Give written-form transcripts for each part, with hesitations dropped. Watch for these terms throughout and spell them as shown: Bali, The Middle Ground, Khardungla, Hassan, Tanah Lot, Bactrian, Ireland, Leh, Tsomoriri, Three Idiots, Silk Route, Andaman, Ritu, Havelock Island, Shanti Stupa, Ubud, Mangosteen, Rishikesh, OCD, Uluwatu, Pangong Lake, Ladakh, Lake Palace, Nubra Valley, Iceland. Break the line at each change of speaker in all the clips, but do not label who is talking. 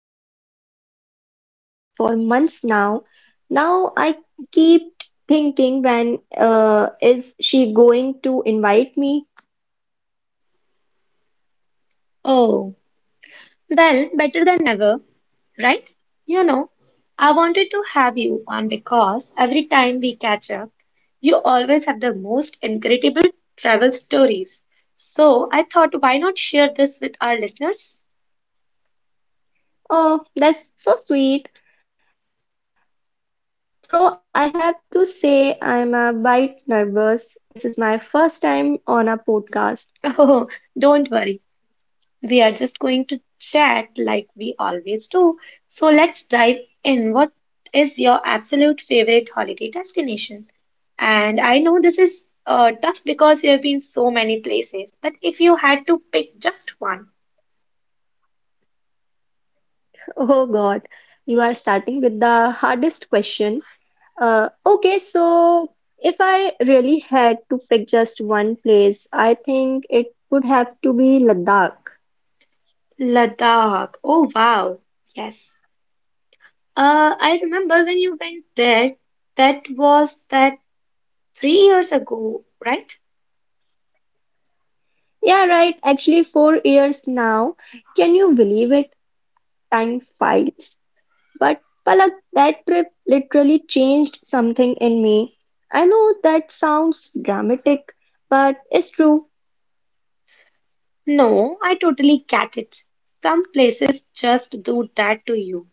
been listening to your podcast for months now. Now I keep thinking, when is she going to invite me?
Oh. Well, better than ever, right? You know, I wanted to have you on because every time we catch up, you always have the most incredible travel stories. So I thought, why not share this with our listeners?
Oh, that's so sweet. So I have to say, I'm a bit nervous. This is my first time on a podcast.
Oh, don't worry. We are just going to chat like we always do. So let's dive in. What is your absolute favorite holiday destination? And I know this is tough because you have been so many places, but if you had to pick just one,
Oh, God, you are starting with the hardest question. Okay, so if I really had to pick just one place, I think it would have to be Ladakh.
Ladakh. Oh wow. Yes. I remember when you went there, that was that 3 years ago, right?
Yeah, right. Actually, 4 years now. Can you believe it? Time flies. But Palak, that trip literally changed something in me. I know that sounds dramatic, but it's true.
No, I totally get it. Some places just do that to you.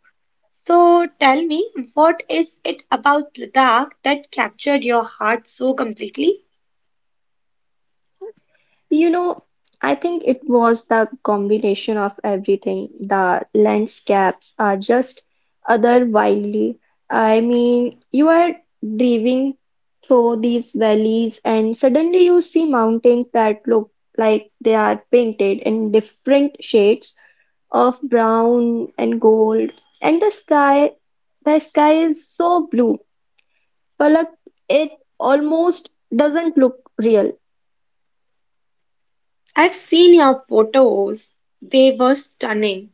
So tell me, what is it about Ladakh that captured your heart so completely?
You know, I think it was the combination of everything. The landscapes are just other wildly. I mean, you are driving through these valleys and suddenly you see mountains that look like they are painted in different shades of brown and gold. And the sky is so blue, but it almost doesn't look real.
I've seen your photos. They were stunning.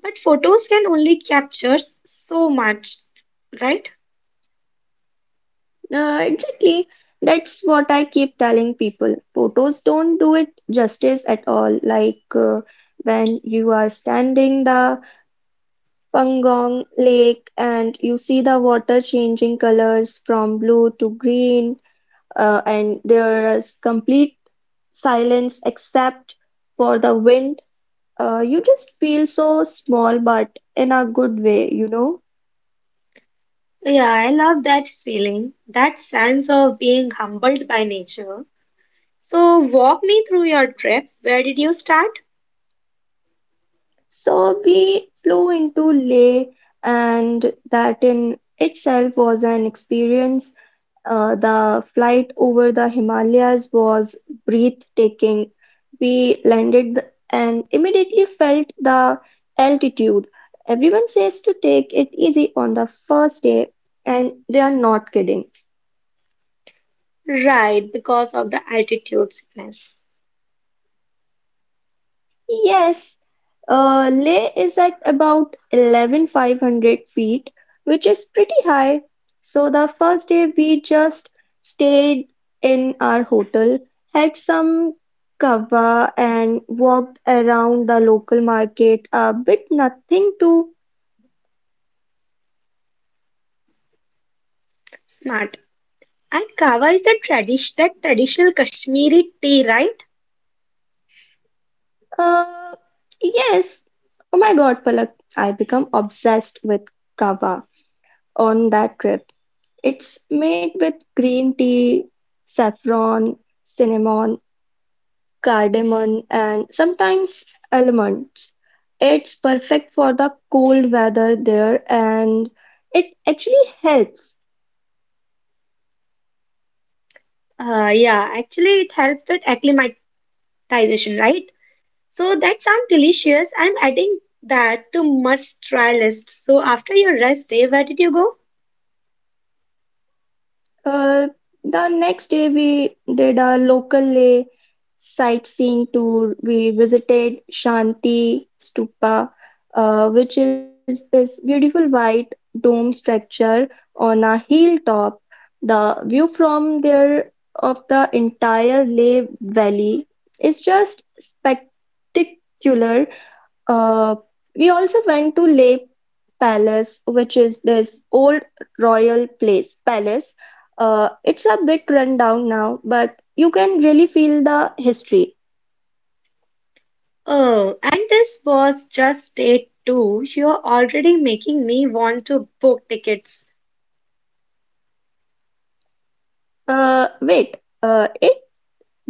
But photos can only capture so much, right?
Exactly. That's what I keep telling people. Photos don't do it justice at all. Like, when you are standing the Pangong Lake and you see the water changing colors from blue to green, and there is complete silence except for the wind. You just feel so small, but in a good way, you know.
Yeah, I love that feeling, that sense of being humbled by nature. So, walk me through your trip. Where did you start?
So we flew into Leh, and that in itself was an experience. The flight over the Himalayas was breathtaking. We landed and immediately felt the altitude. Everyone says to take it easy on the first day, and they are not kidding.
Right, because of the altitude sickness.
Yes, Leh is at about 11,500 feet, which is pretty high. So the first day we just stayed in our hotel, had some kava, and walked around the local market a bit. Nothing to.
Smart. And kava is the tradition, that traditional Kashmiri tea, right?
Uh, yes. Oh my God, Palak, I become obsessed with kava on that trip. It's made with green tea, saffron, cinnamon, cardamom, and sometimes almonds. It's perfect for the cold weather there and it actually helps.
Yeah, actually, it helps with acclimatization, right? So that sounds delicious. I'm adding that to must try list. So after your rest day, where did you go?
Uh, the next day, we did a local lay sightseeing tour. We visited Shanti Stupa, which is this beautiful white dome structure on a hilltop. The view from there of the entire Leh Valley is just spectacular. Uh, we also went to Lake Palace, which is this old royal place palace. It's a bit run down now, but you can really feel the history.
Oh, and this was just day two. You're already making me want to book tickets.
Wait, it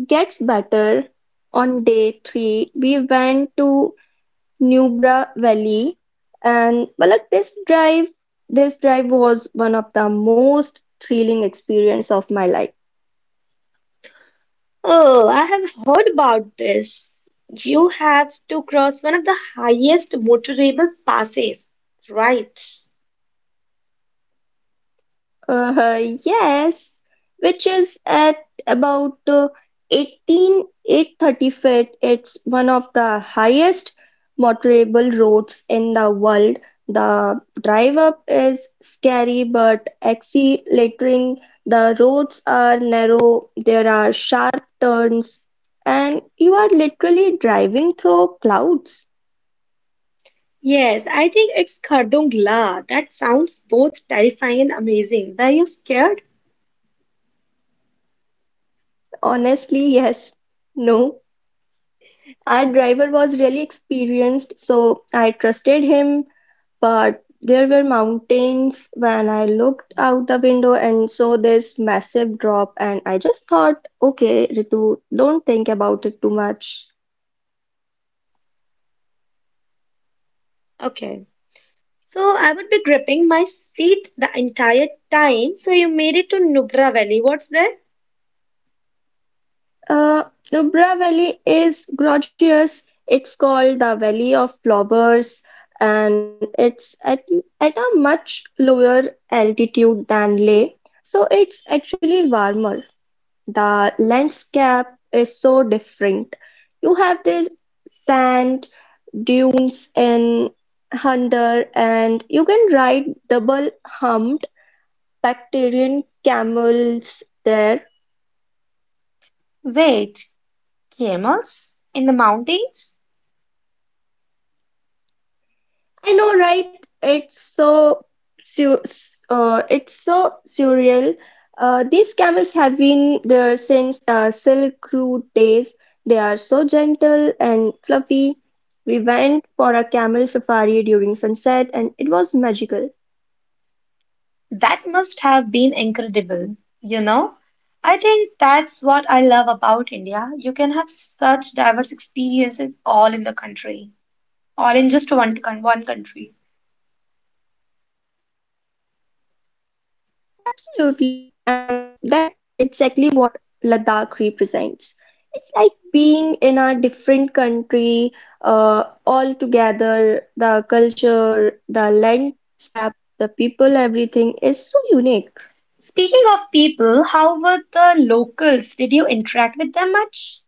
gets better. On day three, we went to Nubra Valley, and well, like, this drive was one of the most thrilling experience of my life.
Oh, I have heard about this. You have to cross one of the highest motorable passes, right?
Yes, which is at about 18 830 feet. It's one of the highest motorable roads in the world. The drive up is scary but exhilarating. The roads are narrow, there are sharp turns, and you are literally driving through clouds.
Yes, I think it's Khardungla. That sounds both terrifying and amazing. Were you scared?
Honestly, yes. No. Our driver was really experienced, so I trusted him, but there were mountains when I looked out the window and saw this massive drop, and I just thought, okay, Ritu, don't think about it too much.
Okay. So I would be gripping my seat the entire time. So you made it to Nubra Valley. What's there?
Uh, Nubra Valley is gorgeous. It's called the Valley of Flowers, and it's at a much lower altitude than Leh, so it's actually warmer. The landscape is so different. You have the sand dunes in Hunter, and you can ride double-humped Bactrian camels there.
Wait, camels in the mountains?
I know, right? Su- it's so surreal. These camels have been there since Silk Route days. They are so gentle and fluffy. We went for a camel safari during sunset, and it was magical.
That must have been incredible, you know? I think that's what I love about India. You can have such diverse experiences all in the country, all in just one country.
Absolutely. And that's exactly what Ladakh represents. It's like being in a different country, all together, the culture, the landscape, the people, everything is so unique.
Speaking of people, how were the locals? Did you interact with them much?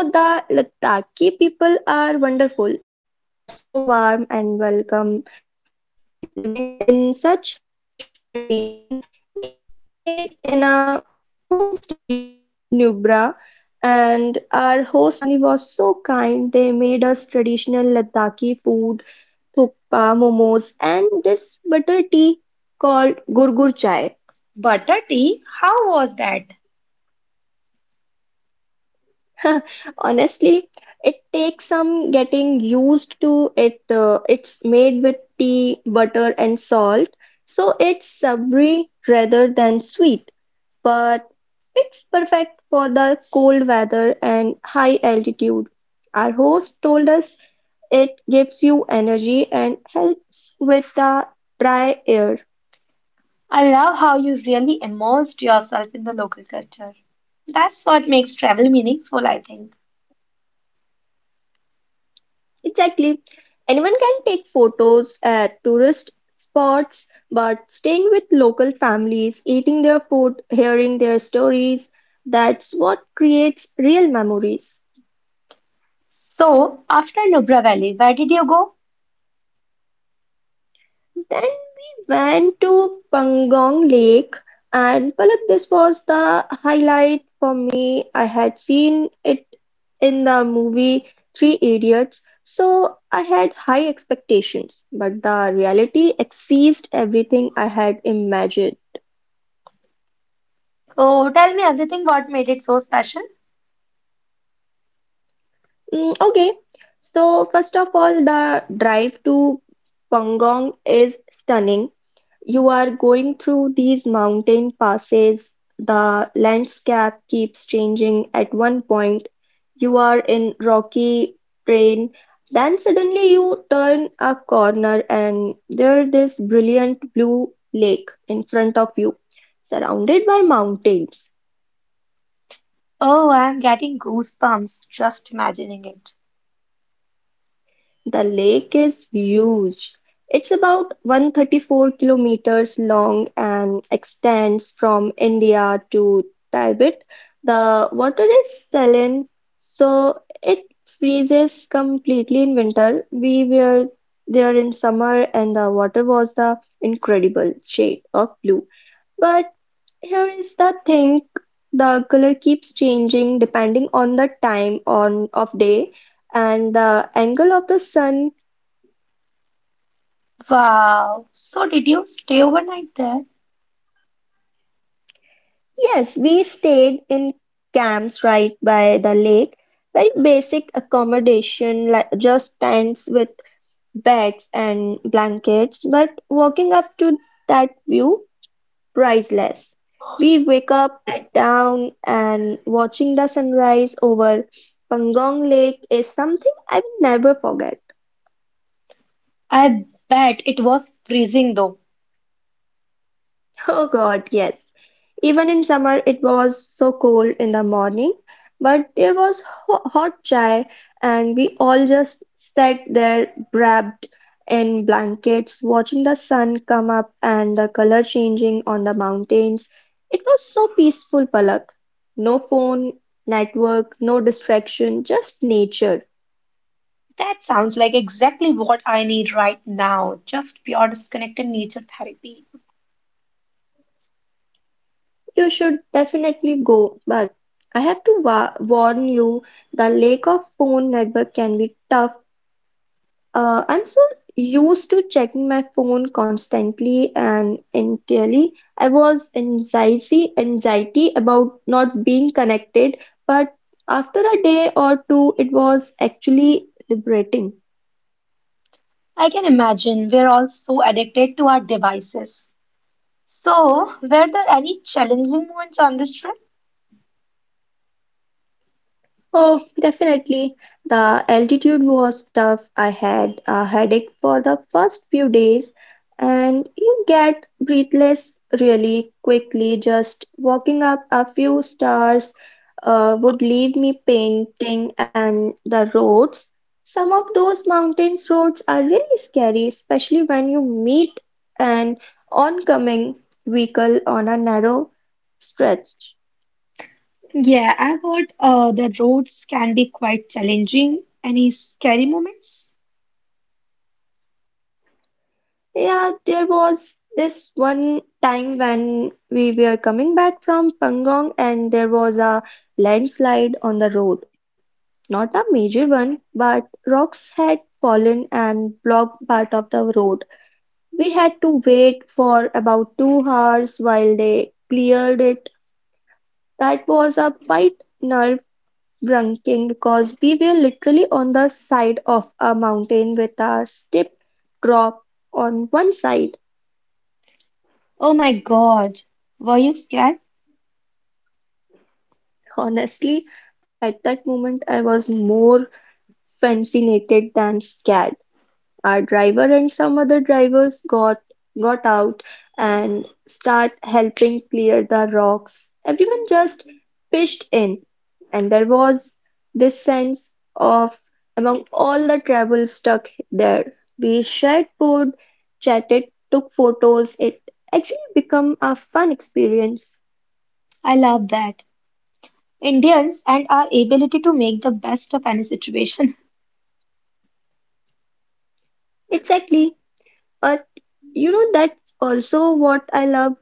Oh, the Lataki people are wonderful. They are so warm and welcome. Despite living in such harsh condition, we stayed in a homestay in Nubra, and our host family was so kind. They made us traditional Lataki food, thukpa, momos, and this butter tea called gurgur chai.
Butter tea, how was that?
Honestly, it takes some getting used to it. It's made with tea, butter, and salt, so it's savory rather than sweet, but it's perfect for the cold weather and high altitude. Our host told us it gives you energy and helps with the dry air.
I love how you really immersed yourself in the local culture. That's what makes travel meaningful, I think.
Exactly. Anyone can take photos at tourist spots, but staying with local families, eating their food, hearing their stories, that's what creates real memories.
So, after Nubra Valley, where did you go?
Then we went to Pangong Lake, and Palak, this was the highlight for me. I had seen it in the movie Three Idiots, so I had high expectations, but the reality exceeded everything I had imagined.
Oh, tell me everything what made it so special.
Okay, so first of all, the drive to Pangong is stunning. You are going through these mountain passes, the landscape keeps changing, at one point you are in rocky terrain, then suddenly you turn a corner and there is this brilliant blue lake in front of you, surrounded by mountains.
Oh, I'm getting goosebumps just imagining it.
The lake is huge. It's about 134 kilometers long and extends from India to Tibet. The water is saline, so it freezes completely in winter. We were there in summer, and the water was the incredible shade of blue. But here is the thing, the color keeps changing depending on the time on of day and the angle of the sun.
Wow. So, did you stay overnight there?
Yes, we stayed in camps right by the lake. Very basic accommodation, like just tents with beds and blankets, but walking up to that view, priceless. We wake up at dawn and watching the sunrise over Pangong Lake is something I will never forget.
I bet it was freezing though.
Oh God, yes. Even in summer, it was so cold in the morning, but there was hot chai, and we all just sat there wrapped in blankets, watching the sun come up and the color changing on the mountains. It was so peaceful, Palak. No phone, network, no distraction, just nature.
That sounds like exactly what I need right now, just pure disconnected nature therapy.
You should definitely go, but I have to warn you, the lack of phone network can be tough. I'm so used to checking my phone constantly and entirely. I was anxiety about not being connected, but after a day or two, it was actually liberating.
I can imagine we're all so addicted to our devices. So, were there any challenging moments on this trip?
Oh, definitely. The altitude was tough. I had a headache for the first few days, and you get breathless really quickly. Just walking up a few stairs would leave me painting, and the roads. Some of those mountains roads are really scary, especially when you meet an oncoming vehicle on a narrow stretch.
Yeah, I've heard the roads can be quite challenging. Any scary moments?
Yeah, there was this one time when we were coming back from Pangong and there was a landslide on the road. Not a major one, but rocks had fallen and blocked part of the road. We had to wait for about 2 hours while they cleared it. That was a quite nerve-wracking because we were literally on the side of a mountain with a steep drop on one side.
Oh my God, were you scared?
Honestly, at that moment I was more fascinated than scared. Our driver and some other drivers got out and start helping clear the rocks. Everyone just pitched in, and there was this sense of among all the travel stuck there. We shared food, chatted, took photos. It actually became a fun experience.
I love that. Indians and our ability to make the best of any situation.
Exactly. But you know that's also what I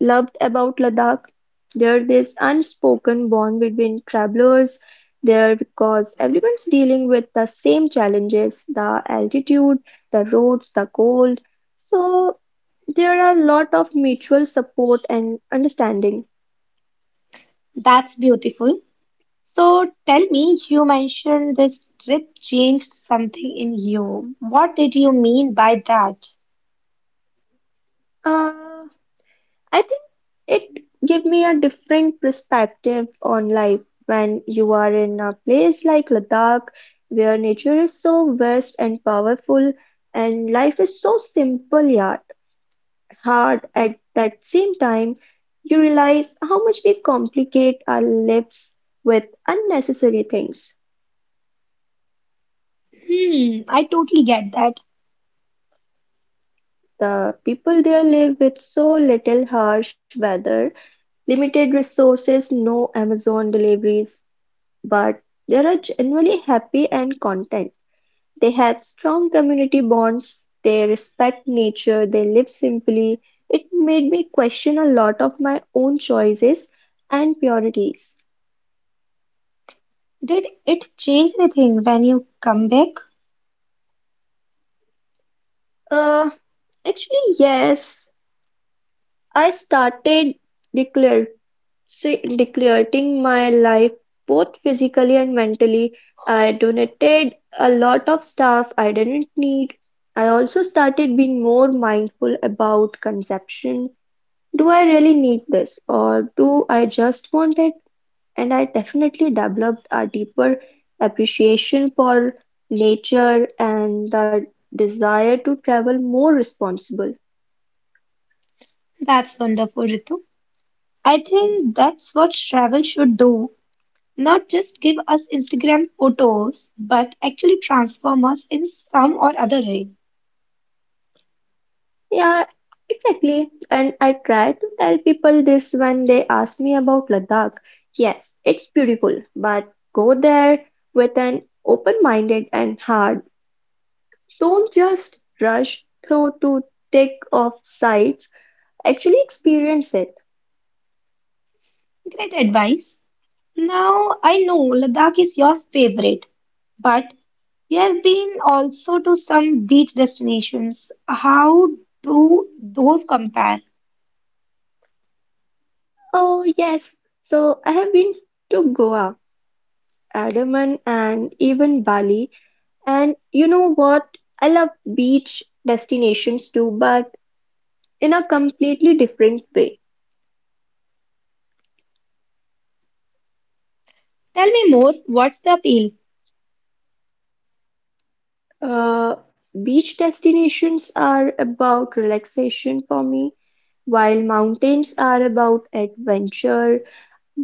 loved about Ladakh. There this unspoken bond between travelers there because everyone's dealing with the same challenges, the altitude, the roads, the cold. So there are a lot of mutual support and understanding.
That's beautiful. So tell me, you mentioned this trip changed something in you. What did you mean by that?
Uh, I think it give me a different perspective on life when you are in a place like Ladakh where nature is so vast and powerful and life is so simple yet hard at that same time you realize how much we complicate our lives with unnecessary things.
Hmm, I totally get that.
The people there live with so little harsh weather, limited resources, no Amazon deliveries, but they are generally happy and content, they have strong community bonds, they respect nature, they live simply. It made me question a lot of my own choices and priorities.
Did it change anything when you come back?
Uh, actually, yes, I started declare, declaring my life both physically and mentally. I donated a lot of stuff I didn't need. I also started being more mindful about consumption. Do I really need this, or do I just want it? And I definitely developed a deeper appreciation for nature and the desire to travel more responsible.
That's wonderful, Ritu. I think that's what travel should do. Not just give us Instagram photos, but actually transform us in some or other way.
Yeah, exactly. And I try to tell people this when they ask me about Ladakh. Yes, it's beautiful, but go there with an open-minded and heart. Don't just rush through to tick off sites. Actually experience it.
Great advice. Now I know Ladakh is your favorite. But you have been also to some beach destinations. How do those compare?
Oh, yes. So I have been to Goa, Andaman, and even Bali. And you know what? I love beach destinations too, but in a completely different way.
Tell me more. What's the appeal?
Uh, beach destinations are about relaxation for me, while mountains are about adventure.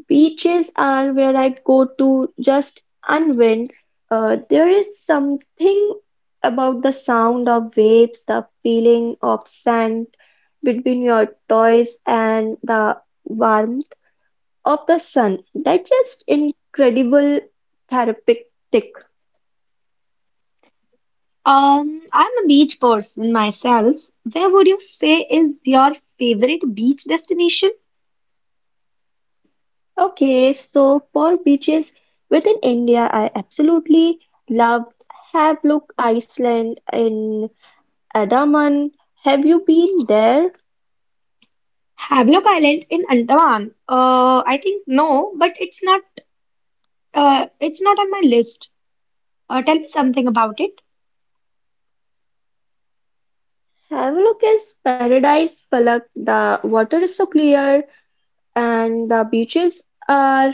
Beaches are where I go to just unwind. There is something about the sound of waves, the feeling of sand between your toes, and the warmth of the sun. That's just incredible therapeutic.
I'm a beach person myself. Where would you say is your favorite beach destination?
Okay, so for beaches within India, I absolutely love Havelock Island in Andaman. Have you been there?
Havelock Island in Andaman. I think no, but it's not. It's not on my list. Tell me something about it.
Havelock is paradise, Palak. The water is so clear, and the beaches are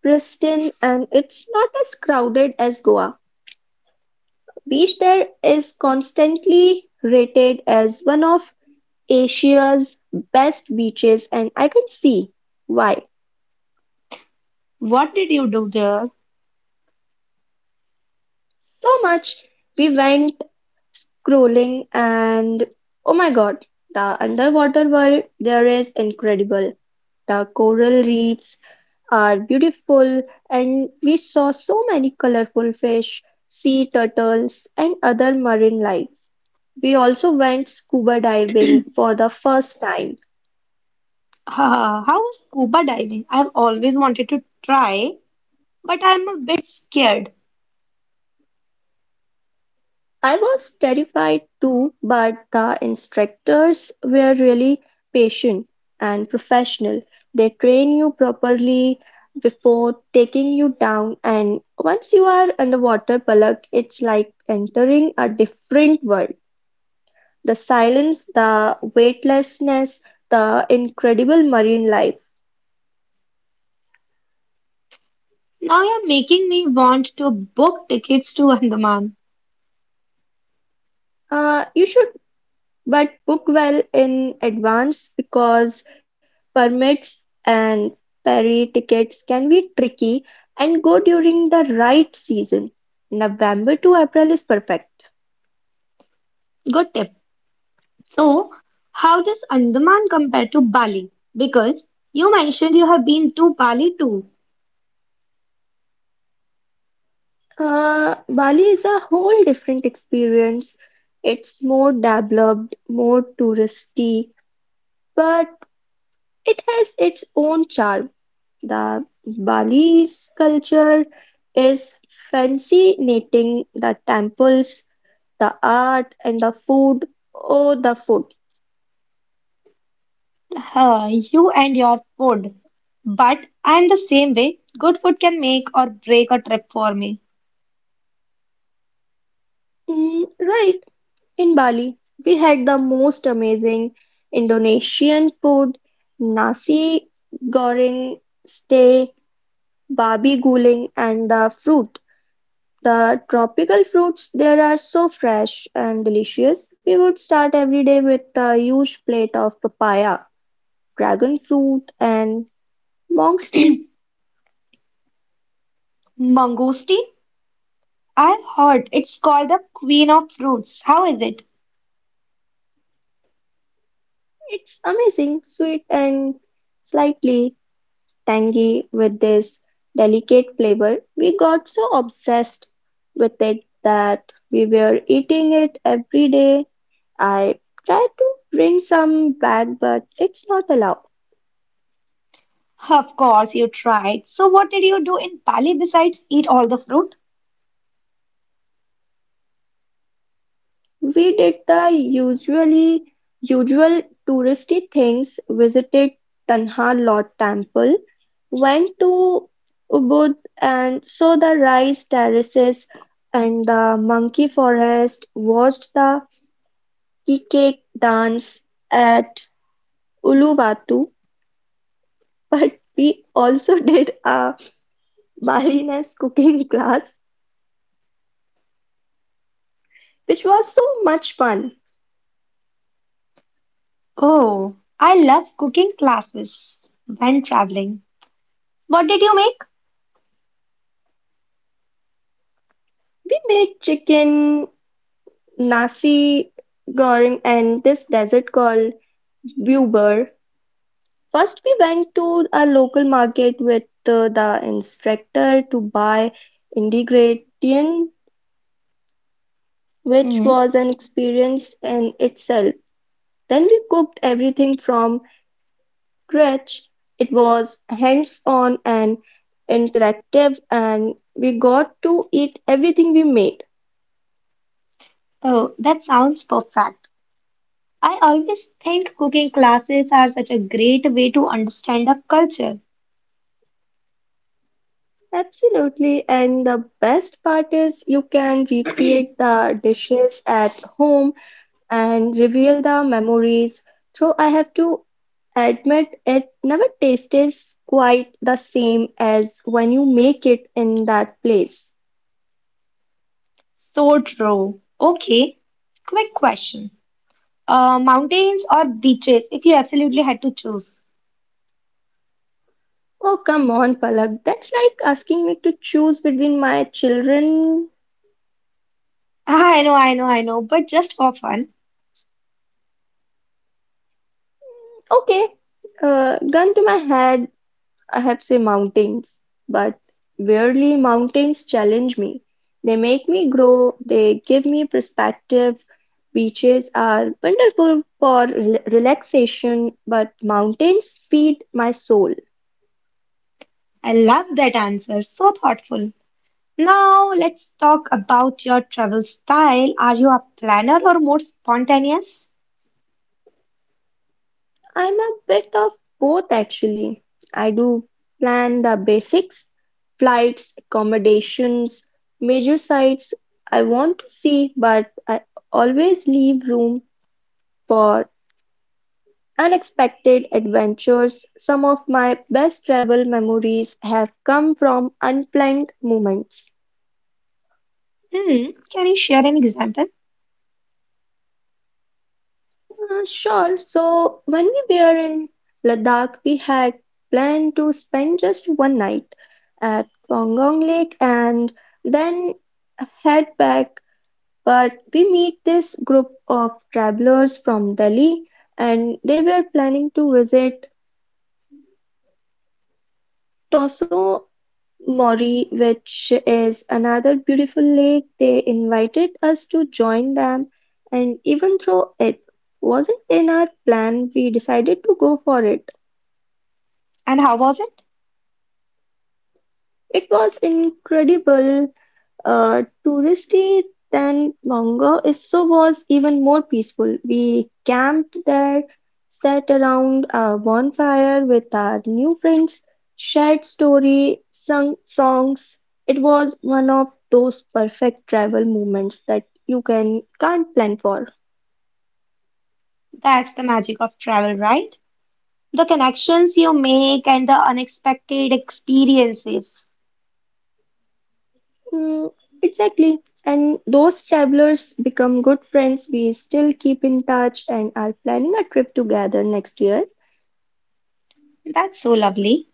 pristine, and it's not as crowded as Goa. Beach there is constantly rated as one of Asia's best beaches, and I can see why.
What did you do there?
So much we went scrolling, and oh my God, the underwater world there is incredible. The coral reefs are beautiful and we saw so many colorful fish, sea turtles and other marine life. We also went scuba diving for the first time.
How was scuba diving? I've always wanted to try, but I'm a bit scared.
I was terrified too, but the instructors were really patient and professional. They train you properly before taking you down, and once you are underwater, Palak, it's like entering a different world. The silence, the weightlessness, the incredible marine life.
Now you're making me want to book tickets to Andaman.
You should but book well in advance because permits and ferry tickets can be tricky and go during the right season. November to April is perfect.
Good tip. So, how does Andaman compare to Bali? Because you mentioned you have been to Bali too.
Bali is a whole different experience. It's more developed, more touristy, but it has its own charm. The Bali's culture is fascinating: the temples, the art, and the food. Oh, the food.
You and your food. But I'm the same way. Good food can make or break a trip for me.
Mm, right, in Bali, we had the most amazing Indonesian food, nasi goreng, stay, babi guling, and the fruit. The tropical fruits there are so fresh and delicious. We would start every day with a huge plate of papaya. Dragon fruit and monk's tea,
Mangosteen? I've heard it's called the queen of fruits. How is it?
it's amazing, sweet and slightly tangy with this delicate flavor. We got so obsessed with it that we were eating it every day. I tried to bring some back, but it's not allowed.
Of course, you tried. So, what did you do in Bali besides eat all the fruit?
We did the usual touristy things, visited Tanha Lot temple, went to Ubud and saw the rice terraces and the monkey forest, watched the cake dance at Uluwatu, but we also did a Balinese cooking class, which was so much fun.
Oh, I love cooking classes when traveling. What did you make?
We made chicken nasi goreng and this desert called buber. First, we went to a local market with the instructor to buy ingredient, which
Hmm.
was an experience in itself. Then we cooked everything from scratch. It was hands-on and interactive, and we got to eat everything we made.
Oh, that sounds perfect. I always think cooking classes are such a great way to understand a culture.
Absolutely, and the best part is you can recreate the dishes at home and reveal the memories. So I have to admit it never tastes quite the same as when you make it in that place.
So true. Okay, quick question. Mountains or beaches, if you absolutely had to choose?
Oh, come on, Palak. That's like asking me to choose between my children.
I know, I know, I know, but just for fun.
Okay, gun to my head. I have say mountains, but weirdly mountains challenge me. They make me grow, they give me perspective. Beaches are wonderful for relaxation, but mountains feed my soul.
I love that answer. So thoughtful. Now, let's talk about your travel style. Are you a planner or more spontaneous?
I'm a bit of both actually. I do plan the basics, flights, accommodations, major sites I want to see, but I always leave room for unexpected adventures. Some of my best travel memories have come from unplanned moments.
Hmm, can you share an example?
Sure, so when we were in Ladakh, we had planned to spend just one night at Pangong Lake and then head back. But we meet this group of travelers from Delhi and they were planning to visit Toso Moree, which is another beautiful lake, they invited us to join them, and even though it wasn't in our plan, we decided to go for it.
And how was it?
It was incredible touristy than Mongo, is so was even more peaceful. We camped there, sat around a bonfire with our new friends, shared story, sung songs. It was one of those perfect travel moments that you can't plan for.
That's the magic of travel, right? The connections you make and the unexpected experiences.
Hmm, exactly. And those travelers become good friends. We still keep in touch and are planning a trip together next year.
That's so lovely.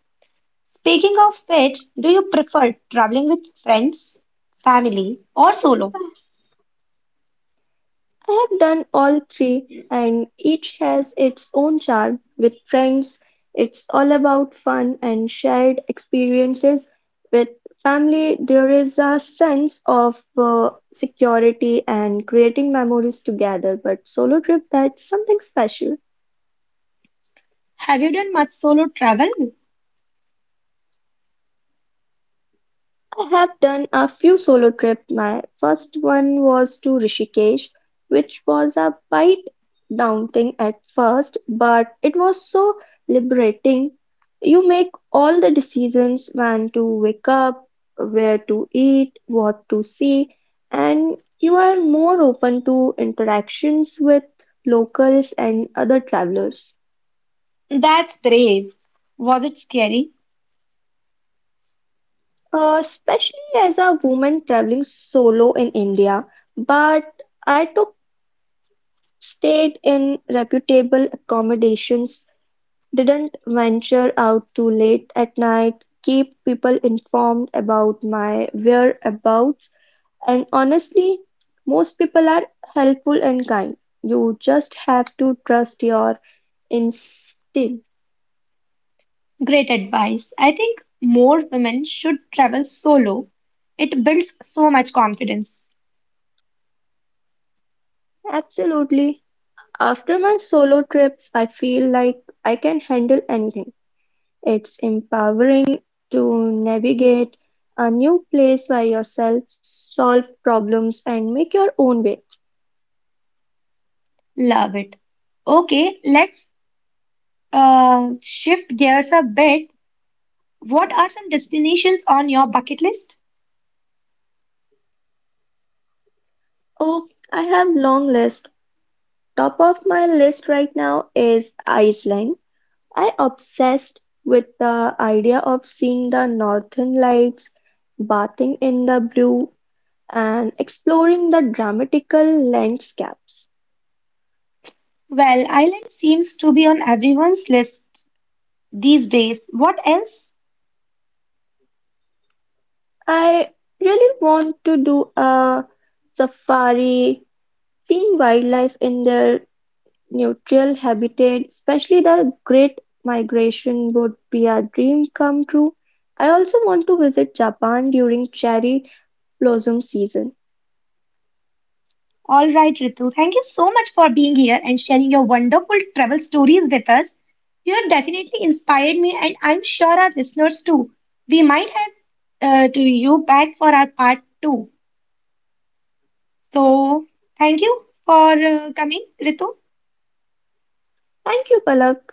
Speaking of which, do you prefer traveling with friends, family, or solo?
I have done all three, and each has its own charm. With friends, it's all about fun and shared experiences. With family, there is a sense of security and creating memories together. But solo trip, that's something special.
Have you done much solo travel?
I have done a few solo trips. My first one was to Rishikesh, which was a bit daunting at first, but it was so liberating. You make all the decisions when to wake up, where to eat, what to see, and you are more open to interactions with locals and other travelers,
That's brave. Was it scary?
especially as a woman traveling solo in India. But I took stayed in reputable accommodations, didn't venture out too late at night, keep people informed about my whereabouts, and honestly, most people are helpful and kind. You just have to trust your instinct.
Great advice. I think more women should travel solo. It builds so much confidence.
Absolutely. After my solo trips, I feel like I can handle anything. It's empowering to navigate a new place by yourself, solve problems, and make your own way.
Love it. Okay, let's shift gears a bit. What are some destinations on your bucket list?
Oh, I have long list. Top of my list right now is Iceland. I obsessed with the idea of seeing the northern lights, bathing in the blue, and exploring the dramatical landscapes.
Well, Ireland seems to be on everyone's list these days. What else?
I really want to do a safari, seeing wildlife in their neutral habitat, especially the Great Migration, would be a dream come true. I also want to visit Japan during cherry blossom season.
All right, Ritu, thank you so much for being here and sharing your wonderful travel stories with us. You have definitely inspired me, and I'm sure our listeners too. We might have to you back for our part two. So, thank you for coming, Ritu.
Thank you, Palak.